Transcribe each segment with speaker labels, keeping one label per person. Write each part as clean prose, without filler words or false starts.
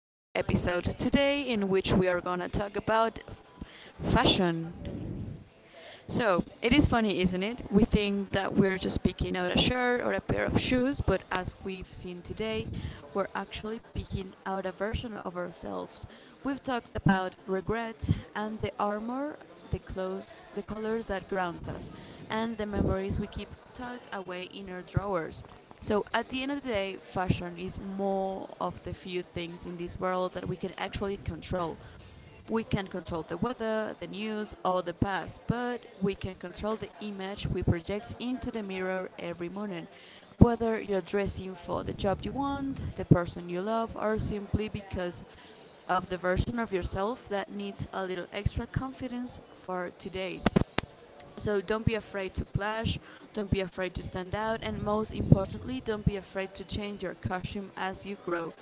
Speaker 1: this episode today in which we are gonna talk about fashion. So, it is funny, isn't it? We think that we're just picking out a shirt or a pair of shoes, but as we've seen today, we're actually picking out a version of ourselves. We've talked about regrets and the armor, the clothes, the colors that grounds us, and the memories we keep tucked away in our drawers. So at the end of the day, fashion is more of the few things in this world that we can actually control. We can control the weather, the news, or the past, but we can control the image we project into the mirror every morning. Whether you're dressing for the job you want, the person you love, or simply because of the version of yourself that needs a little extra confidence for today. So don't be afraid to clash, don't be afraid to stand out, and most importantly, don't be afraid to change your costume as you grow.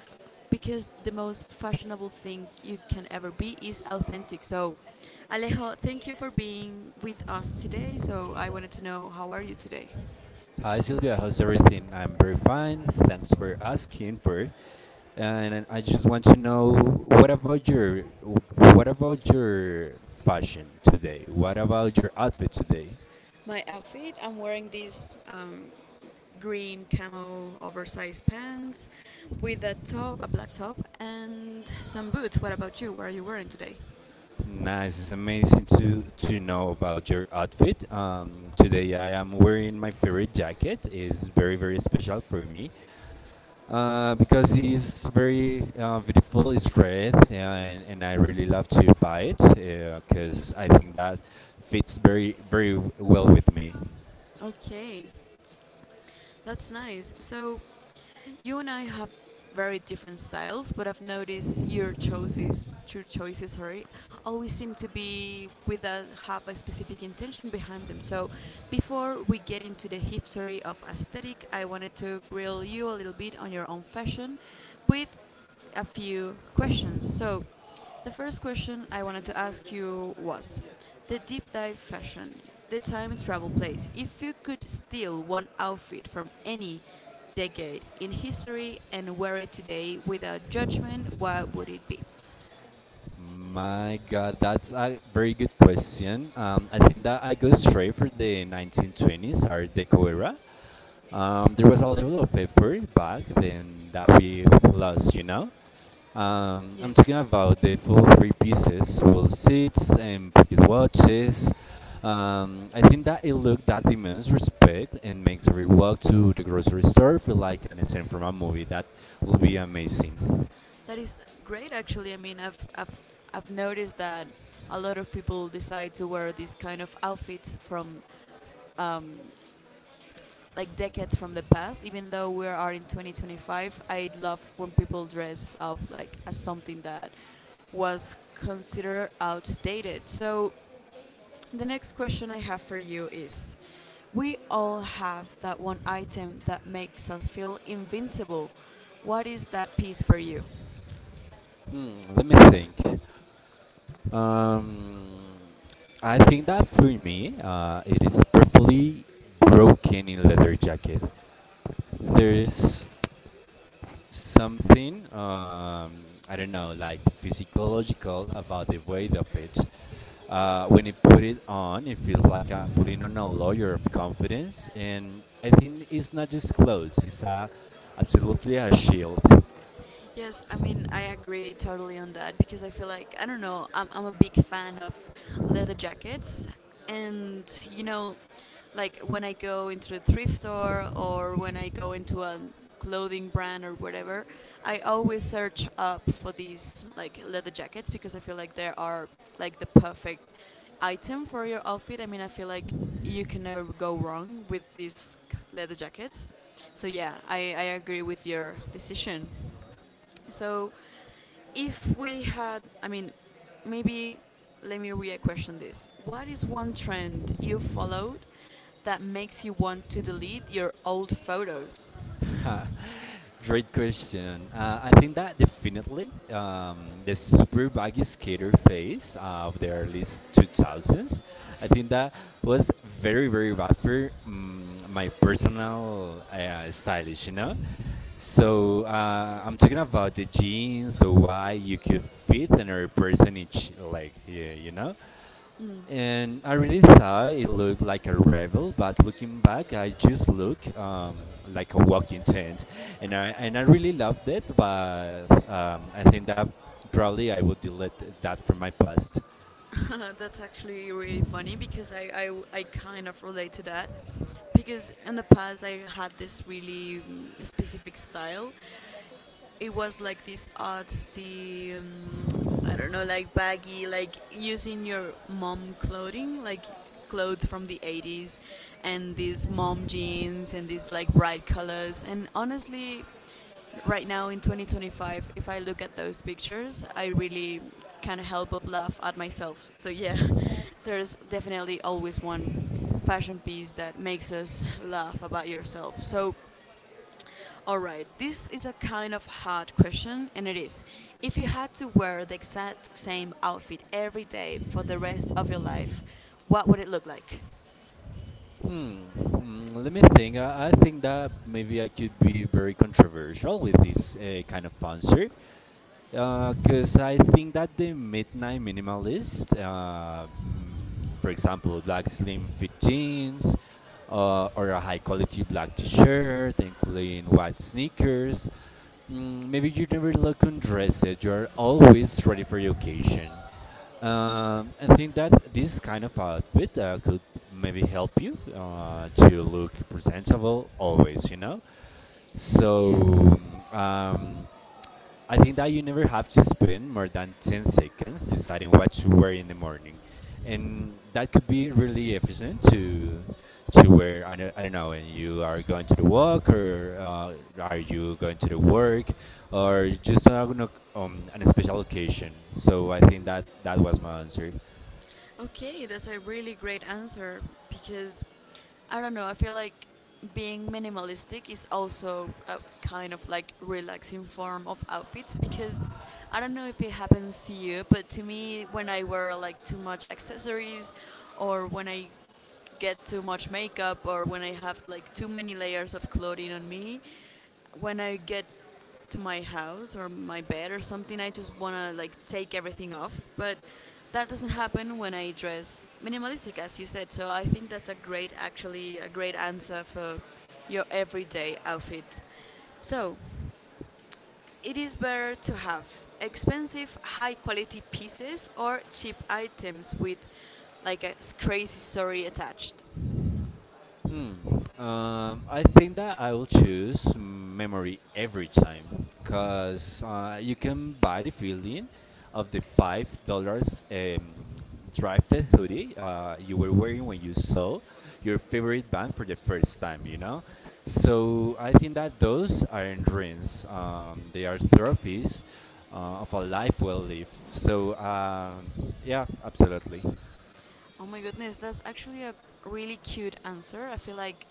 Speaker 1: Because the most fashionable thing you can ever be is authentic. So, Alejo, thank you for being with us today. So, I wanted to know, how are you today?
Speaker 2: Hi Sylvia, how's everything? I'm very fine. Thanks for asking for. And I just want to know what about your what about your fashion today? What about your outfit today?
Speaker 1: My outfit, I'm wearing these green camo oversized pants with a top, a black top, and some boots. What about you? What are you wearing today?
Speaker 2: Nice. It's amazing to know about your outfit. Today I am wearing my favorite jacket. It's very special for me. Because it's very beautiful. It's red, and I really love to buy it because I think that fits very well with me.
Speaker 1: Okay, that's nice. So, you and I have very different styles, but I've noticed your choices, sorry, always seem to be with a have a specific intention behind them. So before we get into the history of aesthetic, I wanted to grill you a little bit on your own fashion with a few questions. So the first question I wanted to ask you was the deep dive fashion, the time travel place. If you could steal one outfit from any decade in history and wear it today without judgment, what would it be?
Speaker 2: My God, that's a very good question. I think that I go straight for the 1920s or Deco era. There was a level of effort back then that we've lost, you know. I'm
Speaker 1: Yes,
Speaker 2: talking
Speaker 1: yes.
Speaker 2: about the full three pieces, full seats and pocket watches. I think that a look that demands respect and makes every walk to the grocery store feel like an scene from a movie. That will be amazing.
Speaker 1: That is great, actually. I mean, I've noticed that a lot of people decide to wear these kind of outfits from um, like decades from the past, even though we are in 2025. I love when people dress up like as something that was considered outdated. So, the next question I have for you is, we all have that one item that makes us feel invincible. What is that piece for you?
Speaker 2: Let me think. Um, I think that for me, it is perfectly broken in leather jacket. There is something I don't know, like physiological about the weight of it. When you put it on, it feels like I'm putting on a layer of confidence, and I think it's not just clothes; it's a absolutely a shield.
Speaker 1: Yes, I mean, I agree totally on that because I feel like, I don't know, I'm a big fan of leather jackets. And, you know, like when I go into a thrift store or when I go into a clothing brand or whatever, I always search up for these like leather jackets because I feel like they are like the perfect item for your outfit. I mean, I feel like you can never go wrong with these leather jackets. So, yeah, I agree with your decision. So, if we had, I mean, maybe let me re question this. What is one trend you followed that makes you want to delete your old photos?
Speaker 2: Great question. I think that definitely the super baggy skater phase of the early 2000s, I think that was very, very bad for my personal stylish, you know? So I'm talking about the jeans, so why you could fit another person each, like, yeah, you know? And I really thought it looked like a rebel, but looking back, I just look like a walking tent, and I really loved it. But I think that probably I would delete that from my past.
Speaker 1: That's actually really funny because I kind of relate to that. Because in the past, I had this really specific style. It was like this artsy, I don't know, like baggy, like using your mom clothing, like clothes from the 80s and these mom jeans and these like bright colors. And honestly, right now in 2025, if I look at those pictures, I really can't help but laugh at myself. So yeah, there's definitely always one fashion piece that makes us laugh about yourself. So alright, this is a kind of hard question, and it is, if you had to wear the exact same outfit every day for the rest of your life, what would it look like?
Speaker 2: Hmm. Let me think. I think that maybe I could be very controversial with this kind of answer. Because I think that the midnight minimalist, for example, black slim fit jeans, or a high quality black t-shirt, including white sneakers. Maybe you never look undressed. You're always ready for the occasion. I think that this kind of outfit could maybe help you to look presentable always. You know. So
Speaker 1: Yes.
Speaker 2: um, I think that you never have to spend more than 10 seconds deciding what to wear in the morning. And that could be really efficient to wear. I don't know, when you are going to the walk or are you going to the work or just on an special occasion. So I think that that was my answer.
Speaker 1: Okay, that's a really great answer because I don't know, I feel like being minimalistic is also a kind of like relaxing form of outfits because I don't know if it happens to you, but to me, when I wear like too much accessories or when I get too much makeup or when I have like too many layers of clothing on me. When I get to my house or my bed or something, I just want to like take everything off. But that doesn't happen when I dress minimalistic, as you said. So I think that's a great, actually, a great answer for your everyday outfit. So it is better to have expensive, high quality pieces or cheap items with like a s- crazy story attached.
Speaker 2: Hmm. I think that I will choose memory every time, cause you can buy the feeling of the $5 thrifted hoodie you were wearing when you saw your favorite band for the first time. You know, so I think that those aren't dreams. They are trophies of a life well lived. So yeah, absolutely.
Speaker 1: Oh my goodness, that's actually a really cute answer. I feel like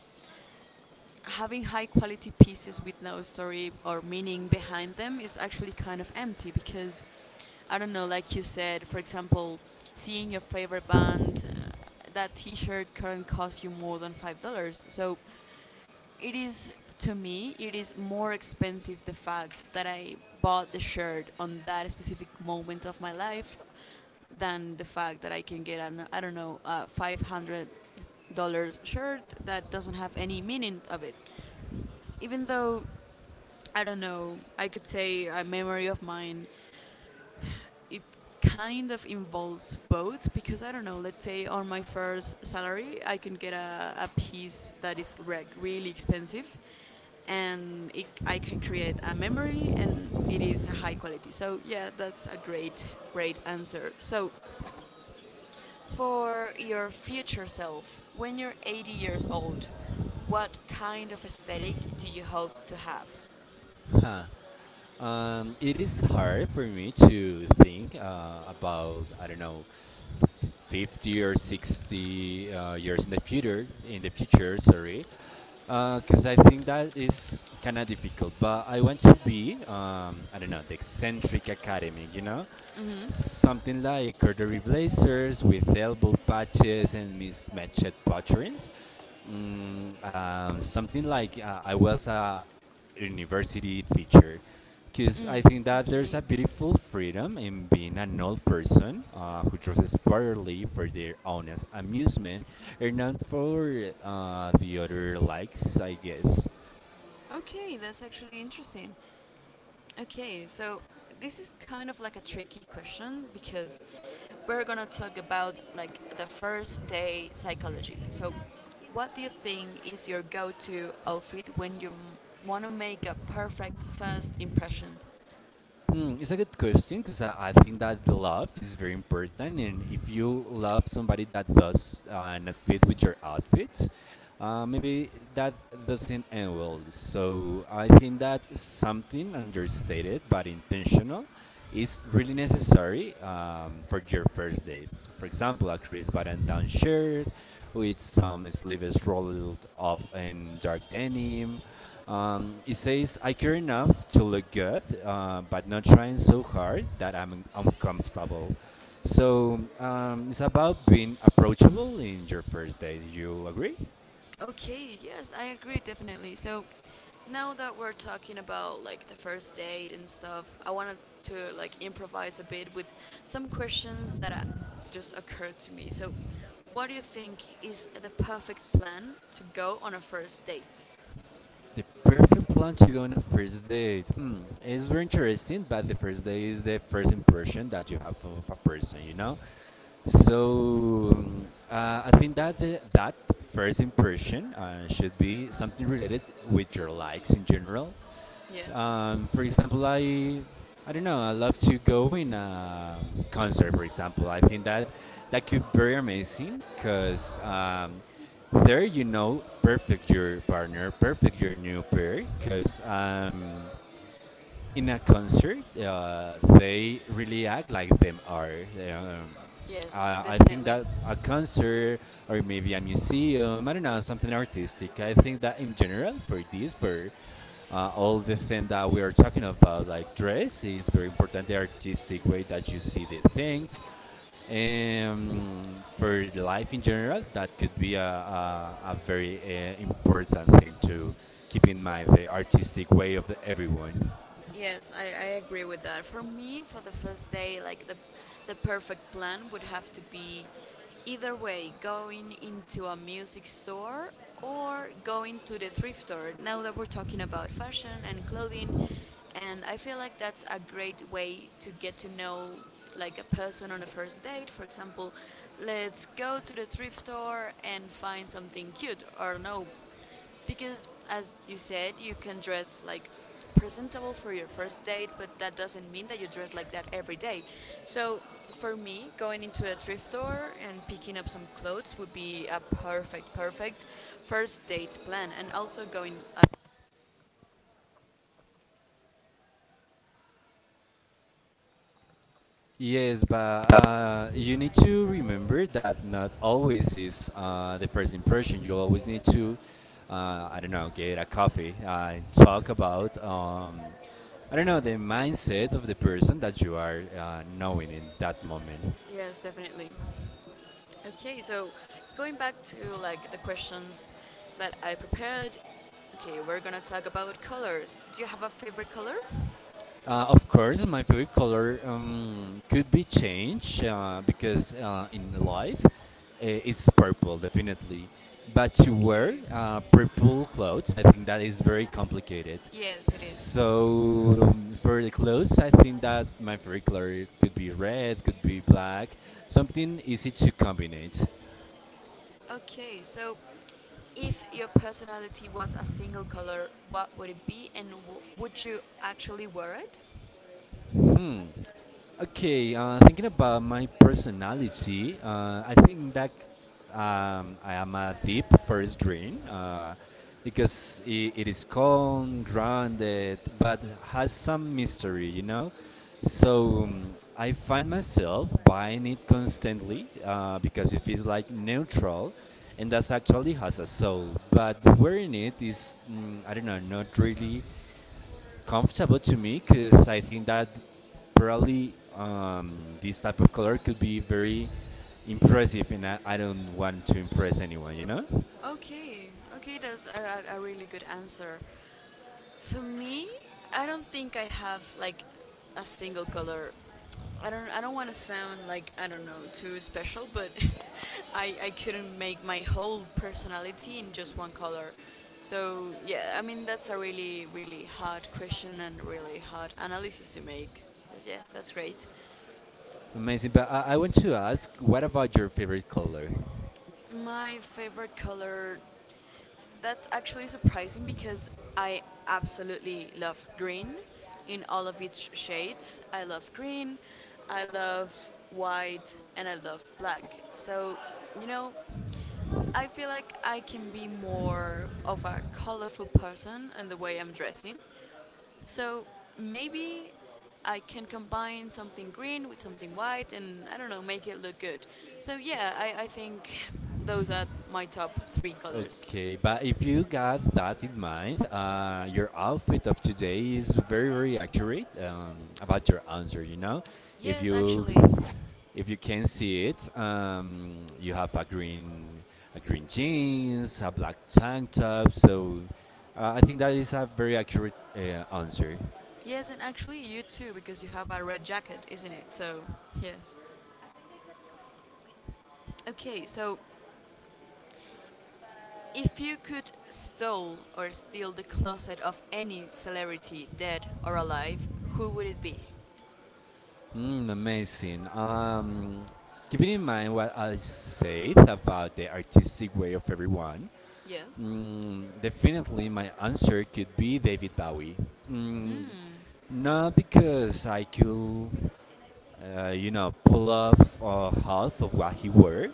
Speaker 1: having high quality pieces with no story or meaning behind them is actually kind of empty because I don't know, like you said, for example, seeing your favorite band, that t shirt can cost you more than $5. So it is, to me, it is more expensive the fact that I bought the shirt on that specific moment of my life than the fact that I can get an, I don't know, a $500 shirt that doesn't have any meaning of it. Even though I don't know, I could say a memory of mine. It kind of involves both because I don't know. Let's say on my first salary, I can get a piece that is re- really expensive, and it, I can create a memory, and it is a high quality. So yeah, that's a great, great answer. So for your future self, when you're 80 years old, what kind of aesthetic do you hope to have?
Speaker 2: Huh. It is hard for me to think about I don't know, 50 or 60 years in the future. In the future, sorry, because I think that is kind of difficult. But I want to be I don't know the eccentric academic, you know, something like corduroy blazers with elbow patches and mismatched patterns. Something like I was a university teacher. Because I
Speaker 1: Mm,
Speaker 2: think that there's
Speaker 1: okay.
Speaker 2: a beautiful freedom in being an old person who dresses properly for their own amusement and not for the other likes, I guess.
Speaker 1: Okay, that's actually interesting. Okay, so this is kind of like a tricky question because we're gonna talk about like the first day psychology. So, what do you think is your go-to outfit when you m- wanna make a perfect first impression?
Speaker 2: It's a good question because I think that the love is very important, and if you love somebody that does not fit with your outfits, maybe that doesn't end well. So I think that something understated but intentional is really necessary for your first date. For example, a crisp button down shirt with some sleeves rolled up in dark denim, it says, I care enough to look good, but not trying so hard that I'm uncomfortable. So it's about being approachable in your first date. You agree?
Speaker 1: Okay, yes, I agree definitely. So now that we're talking about like the first date and stuff, I wanted to like improvise a bit with some questions that just occurred to me. So, what do you think is the perfect plan to go on a first date?
Speaker 2: The perfect plan to go on a first date. Hmm, it's very interesting, but the first date is the first impression that you have of a person, you know? So I think that the, that first impression should be something related with your likes in general.
Speaker 1: Yes.
Speaker 2: For example, I don't know. I love to go in a concert. For example, I think that that could be very amazing because there you know perfect your partner, perfect your new pair. Because in a concert, they really act like them are. Um,
Speaker 1: Yes,
Speaker 2: I I think
Speaker 1: definitely.
Speaker 2: that a concert or maybe a museum, I don't know, something artistic. I think that in general, for this, for all the thing that we are talking about, like dress, is very important. The artistic way that you see the things, for the life in general, that could be a very important thing to keep in mind the artistic way of everyone.
Speaker 1: Yes, I agree with that. For me, for the first day, like the perfect plan would have to be either way, going into a music store or going to the thrift store. Now that we're talking about fashion and clothing, and I feel like that's a great way to get to know like a person on a first date. For example, let's go to the thrift store and find something cute or no, because, as you said, you can dress like presentable for your first date, but that doesn't mean that you dress like that every day. So, for me, going into a thrift store and picking up some clothes would be a perfect, perfect first date plan. And also going.
Speaker 2: Yes, but you need to remember that not always is the first impression. You always need to, I don't know, get a coffee and talk about, I don't know, the mindset of the person that you are knowing in that moment.
Speaker 1: Yes, definitely. Okay, so going back to like the questions that I prepared. Okay, we're gonna talk about colors. Do you have a favorite color?
Speaker 2: Of course, my favorite color could be changed because in life it's purple, definitely. But to wear
Speaker 1: Okay.
Speaker 2: purple clothes, I think that is very complicated.
Speaker 1: Yes, it is.
Speaker 2: So for the clothes, I think that my favorite color could be red, could be black, something easy to combine.
Speaker 1: Okay, so if your personality was a single color, what would it be, and w- would you actually wear it?
Speaker 2: Hmm. Okay. Thinking about my personality, I think that I am a deep first green because it is calm, grounded, but has some mystery, you know. So I find myself buying it constantly because it feels like neutral, and that's actually has a soul. But wearing it is, I don't know, not really comfortable to me because I think that probably this type of color could be very impressive, and I don't want to impress anyone, you know?
Speaker 1: Okay, okay, that's a really good answer. For me, I don't think I have like a single color. I don't want to sound like I don't know too special, but I couldn't make my whole personality in just one color. So yeah, I mean that's a really really hard question and really hard analysis to make. But yeah, that's great.
Speaker 2: Amazing. But I want to ask, what about your favorite color?
Speaker 1: My favorite color, that's actually surprising because I absolutely love green in all of its shades. I love green, I love white, and I love black. So, you know, I feel like I can be more of a colorful person in the way I'm dressing. So maybe I can combine something green with something white and I don't know, make it look good. So yeah, I think those are my top three colors.
Speaker 2: Okay, but if you got that in mind, your outfit of today is very, very accurate about your answer. You know, if
Speaker 1: Yes,
Speaker 2: you
Speaker 1: actually,
Speaker 2: if you can see it, you have a green jeans, a black tank top. So I think that is a very accurate answer.
Speaker 1: yes, and actually you too, because you have a red jacket, isn't it? So, yes. Okay, so if you could stole or steal the closet of any celebrity, dead or alive, who would it be?
Speaker 2: Amazing. Keeping in mind what I said about the artistic way of everyone,
Speaker 1: Yes.
Speaker 2: Definitely, my answer could be David Bowie. Mm, not because I could, you know, pull off half of what he wore,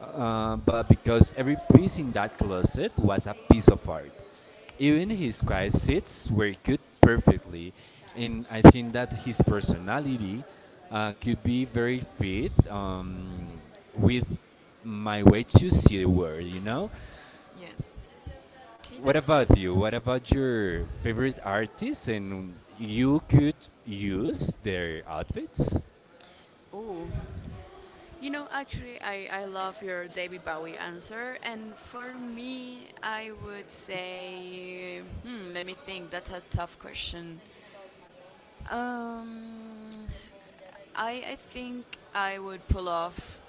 Speaker 2: but because every piece in that closet was a piece of art. Even his quiet seats were good perfectly, and I think that his personality could be very fit with my way to see the world, you know?
Speaker 1: Yes. Okay,
Speaker 2: What
Speaker 1: that's
Speaker 2: about you?
Speaker 1: that.
Speaker 2: What about your favorite artists and you could use their outfits?
Speaker 1: Oh, you know, actually, I love your David Bowie answer, and for me, I would say, hmm, let me think. That's a tough question. Um, I think I would pull off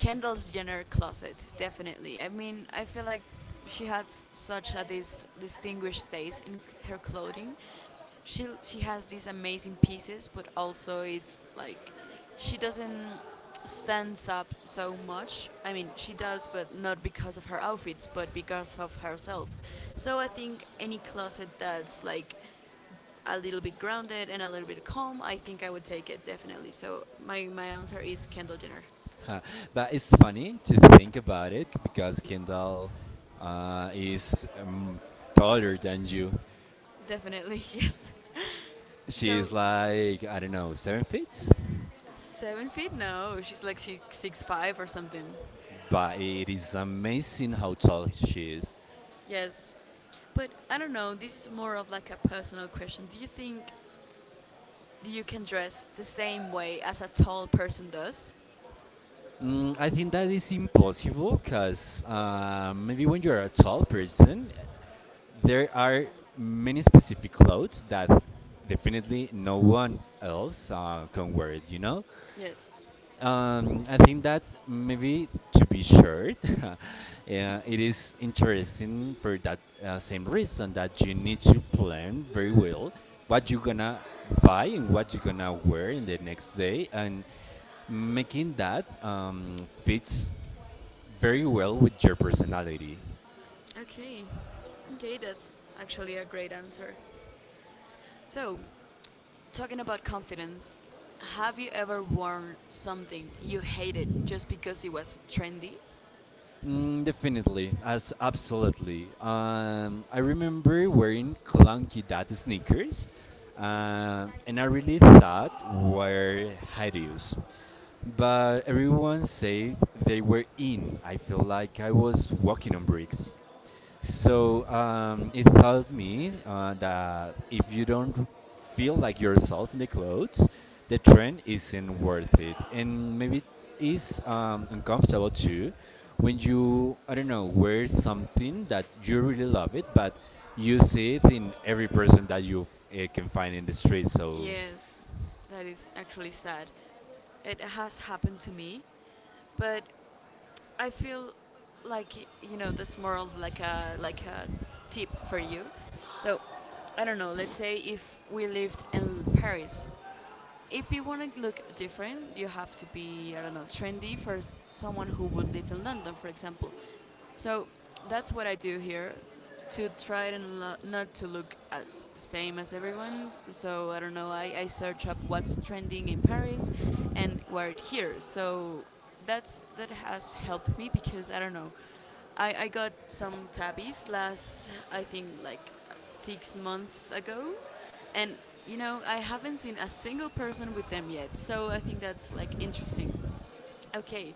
Speaker 1: Kendall's Jenner closet definitely. I mean, I feel like she has such a this distinguished taste in her clothing. She has these amazing pieces, but also is like she doesn't stands up so much. I mean, she does, but not because of her outfits, but because of herself. So I think any closet that's like a little bit grounded and a little bit calm, I think I would take it definitely. So my answer is Kendall Jenner.
Speaker 2: Huh. But it's funny to think about it because Kendall is taller than you.
Speaker 1: Definitely, yes.
Speaker 2: She
Speaker 1: So
Speaker 2: is like, I don't know, 7 feet?
Speaker 1: 7 feet? No, she's like 6'6" 5 or something.
Speaker 2: But it is amazing how tall she is.
Speaker 1: Yes, but I don't know. This is more of like a personal question. Do you think you can dress the same way as a tall person does?
Speaker 2: I think that is impossible because maybe when you're a tall person, there are many specific clothes that definitely no one else can wear it, you know?
Speaker 1: Yes.
Speaker 2: I think that maybe to be shared, yeah, it is interesting for that same reason that you need to plan very well what you're gonna buy and what you're gonna wear in the next day, and making that fits very well with your personality.
Speaker 1: Okay. Okay, that's actually a great answer. So talking about confidence, have you ever worn something you hated just because it was trendy?
Speaker 2: Definitely, as absolutely. I remember wearing clunky dad sneakers, and I really thought were hideous. But everyone said they were in. I felt like I was walking on bricks. So it taught me that if you don't feel like yourself in the clothes, the trend isn't worth it, and maybe it is uncomfortable too when you I don't know wear something that you really love it, but you see it in every person that you can find in the street. So
Speaker 1: Yes, that is actually sad. It has happened to me, but I feel like that's more of like a tip for you. So I don't know. Let's say if we lived in Paris, if you want to look different, you have to be I don't know trendy for someone who would live in London, for example. So that's what I do here to try and not to look as the same as everyone. So I don't know. I search up what's trending in Paris and wear it here. So that has helped me because I don't know. I got some tabbies last I think like 6 months ago, and I haven't seen a single person with them yet. So I think that's like interesting. Okay,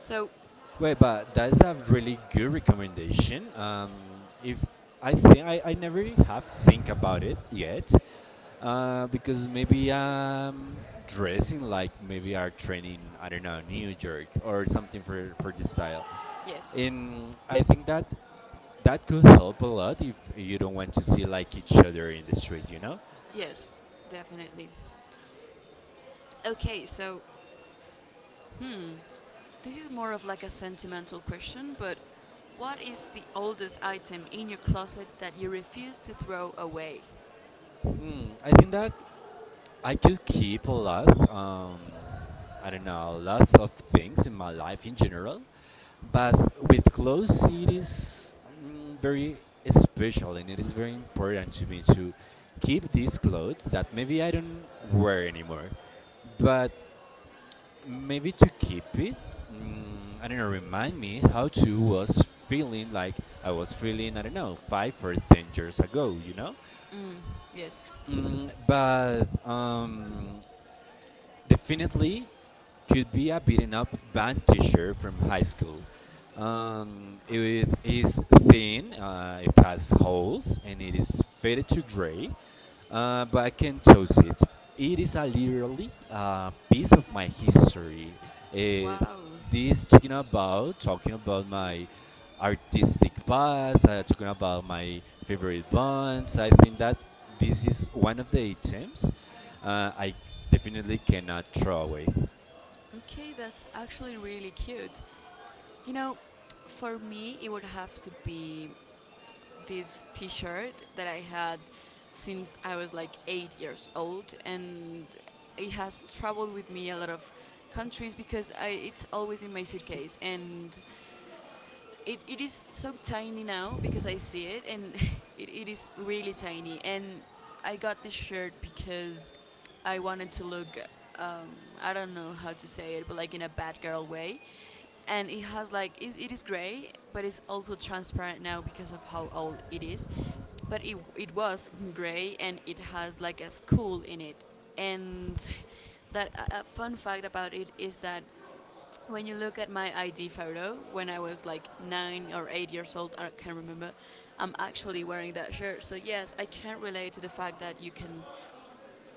Speaker 1: so
Speaker 2: wait, but that's a really good recommendation. If I think I never have think about it yet, because maybe I'm dressing like maybe our training I don't know New York or something for this style,
Speaker 1: yes,
Speaker 2: and I think that that could help a lot if you don't want to see like each other in the street, you know.
Speaker 1: yes, definitely. Okay, so, hmm, this is more of like a sentimental question, but what is the oldest item in your closet that you refuse to throw away?
Speaker 2: I think that I could keep a lot. I don't know, lots of things in my life in general, but with clothes, it is very special, and it is very important to me to keep these clothes that maybe I don't wear anymore, but maybe to keep it. Mm, I don't know, remind me how to was feeling like I was feeling, I don't know, 5 or 10 years ago, you know?
Speaker 1: Mm, yes.
Speaker 2: Mm, but Definitely could be a beaten up band teacher from high school. It is thin, it has holes, and it is faded to gray. But I can toast it. It is a literally a piece of my history. Uh,
Speaker 1: Wow.
Speaker 2: this talking about my artistic past, talking about my favorite bands. I think that this is one of the items I definitely cannot throw away.
Speaker 1: Okay, that's actually really cute. You know, for me, it would have to be this t shirt that I had since I was like 8 years old, and it has traveled with me a lot of countries because it's always in my suitcase. And it is so tiny now because I see it and it is really tiny and I got this shirt because I wanted to look um, I don't know how to say it but like in a bad girl way and it has like it is gray but it's also transparent now because of how old it is but it was gray and it has like a school in it and that a fun fact about it is that when you look at my ID photo, when I was like 9 or 8 years old, I can't remember, I'm actually wearing that shirt. So, yes, I can relate to the fact that you can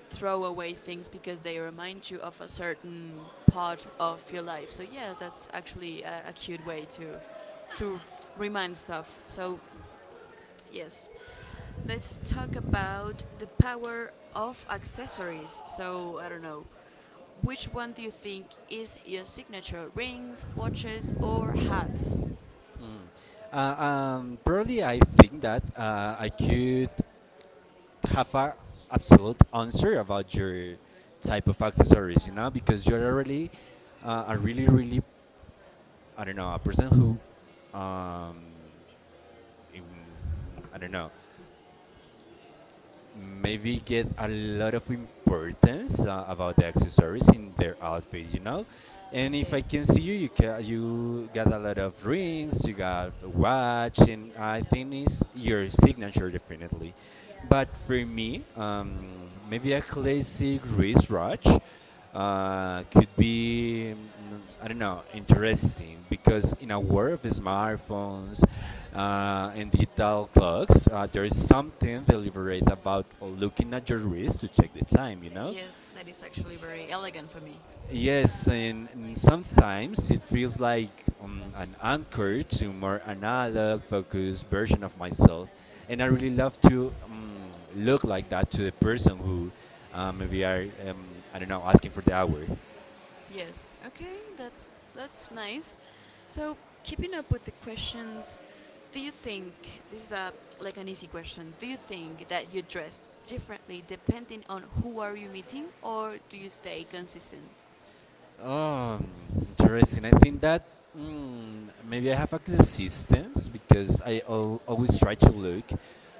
Speaker 1: throw away things because they remind you of a certain part of your life. So, yeah, that's actually a cute way to remind stuff. So, yes, let's talk about the power of accessories. So I don't know, which one do you think is your signature? Rings, watches, or hats?
Speaker 2: Mm. Probably I think that I could. Have a absolute answer about your type of accessories, you know, because you're already a I don't know, a person who, um, in, I don't know, maybe get a lot of importance about the accessories in their outfit, you know. And if
Speaker 1: Okay.
Speaker 2: I can see you, you ca you got a lot of rings, you got a watch, and I think it's your signature, definitely. But for me, maybe a classic wristwatch could be, I don't know, interesting, because in a world of smartphones and digital clocks, there is something deliberate about looking at your wrist to check the time. You know.
Speaker 1: Yes, that is actually very elegant for me.
Speaker 2: Yes, and sometimes it feels like an anchor to more analog focused version of myself, and I really love to look like that to the person who maybe are, I don't know, asking for the hour.
Speaker 1: Yes. Okay, that's nice. So, keeping up with the questions, do you think this is a like an easy question? Do you think that you dress differently depending on who are you meeting or do you stay consistent?
Speaker 2: Interesting. I think that, maybe I have a consistence because I al always try to look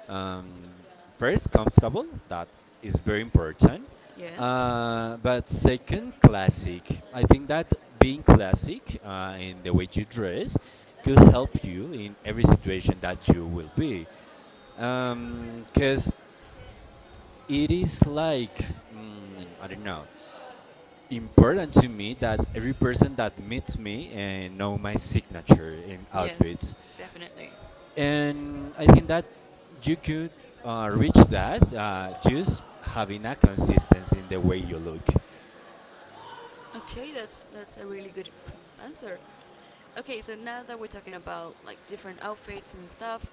Speaker 2: um, first comfortable. That is very important.
Speaker 1: Yes.
Speaker 2: But second, classic. I think that being classic in the way you dress could help you in every situation that you will be, because it is like, I don't know, important to me that every person that meets me and know my signature in
Speaker 1: Yes,
Speaker 2: outfits.
Speaker 1: definitely.
Speaker 2: And I think that you could reach that just having a consistency in the way you look.
Speaker 1: Okay, that's a really good answer. Okay, so now that we're talking about like different outfits and stuff,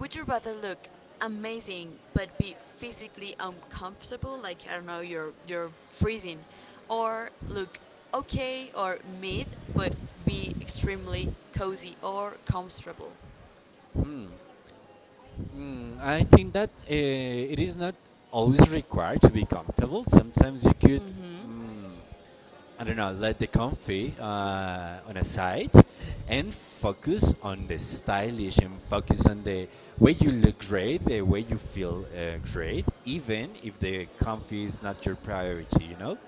Speaker 1: would you rather look amazing but be physically uncomfortable, like I don't know, you're freezing, or look okay or mid but be extremely cozy or comfortable?
Speaker 2: Hmm. I think that it is not always required to be comfortable. Sometimes you could, mm, I don't know, let the comfy on a side, and focus on the stylish and focus on the way you look great, the way you feel great, even if the comfy is not your priority, you know?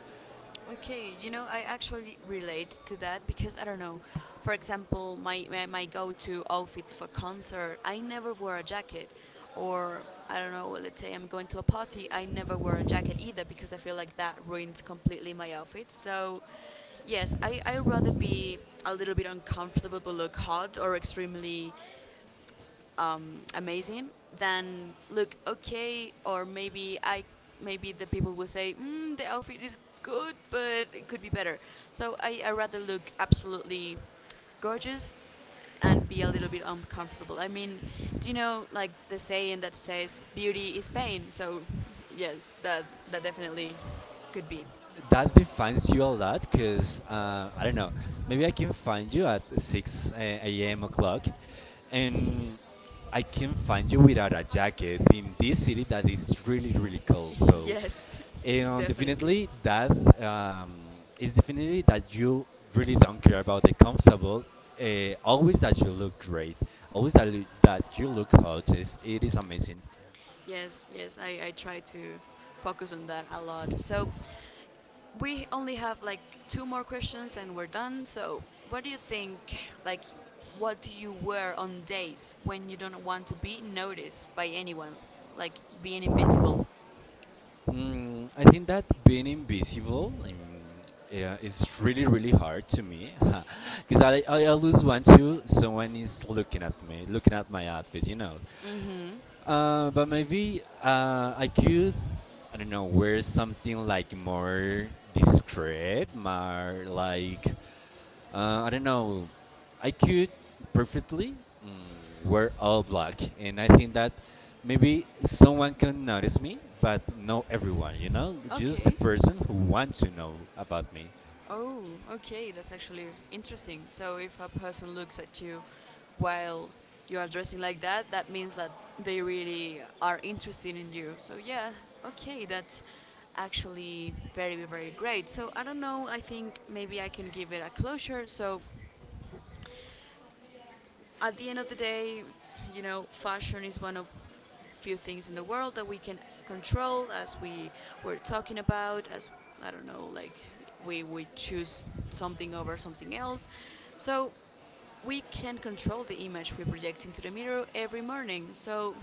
Speaker 1: Okay, you know, I actually relate to that because I don't know. For example, my go-to outfits for concert, I never wear a jacket, or I don't know. Let's say I'm going to a party, I never wear a jacket either because I feel like that ruins completely my outfit. So, yes, I rather be a little bit uncomfortable but look hot or extremely amazing, then look okay, or maybe the people will say the outfit is good, but it could be better. So I rather look absolutely gorgeous and be a little bit uncomfortable. I mean, do you know like the saying that says beauty is pain? So yes, that definitely could be.
Speaker 2: That defines you a lot because I don't know. Maybe I can find you at 6 a.m. o'clock, and I can find you without a jacket in this city that is really, really cold. So,
Speaker 1: Yes,
Speaker 2: and
Speaker 1: definitely.
Speaker 2: definitely that is definitely that you really don't care about the comfortable. Always that you look great, always that, that you look hot, is, it is amazing.
Speaker 1: Yes, yes, I try to focus on that a lot. So we only have like two more questions and we're done. So, what do you think? Like, what do you wear on days when you don't want to be noticed by anyone? Like being invisible.
Speaker 2: I think that being invisible, yeah, is really, really hard to me because I always want to someone is looking at me, looking at my outfit, you know.
Speaker 1: Mm-hmm.
Speaker 2: But maybe I could, I don't know, wear something like more discreet, more like, I don't know, I could perfectly, wear all black. And I think that maybe someone can notice me, but not everyone, you know, just the
Speaker 1: Okay.
Speaker 2: person who wants to know about me.
Speaker 1: Oh, okay, that's actually interesting. So if a person looks at you while you are dressing like that, that means that they really are interested in you. So yeah, okay, that's actually very very great. So I don't know, I think maybe I can give it a closure. So at the end of the day, you know, fashion is one of few things in the world that we can control. As we were talking about, as I don't know like we choose something over something else, so we can control the image we project into the mirror every morning. So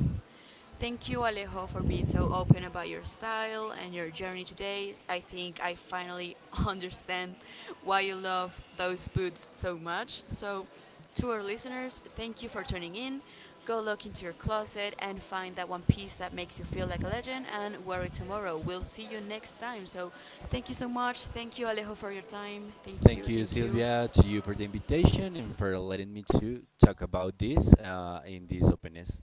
Speaker 1: thank you, Alejo, for being so open about your style and your journey today. I think I finally understand why you love those boots so much. So, to our listeners, thank you for tuning in. Go look into your closet and find that one piece that makes you feel like a legend and wear it tomorrow. We'll see you next time. So, thank you so much. Thank you, Alejo, for your time. Thank you.
Speaker 2: Thank you,
Speaker 1: Thank you.
Speaker 2: Sylvia, to you for the invitation and for letting me to talk about this in this openness.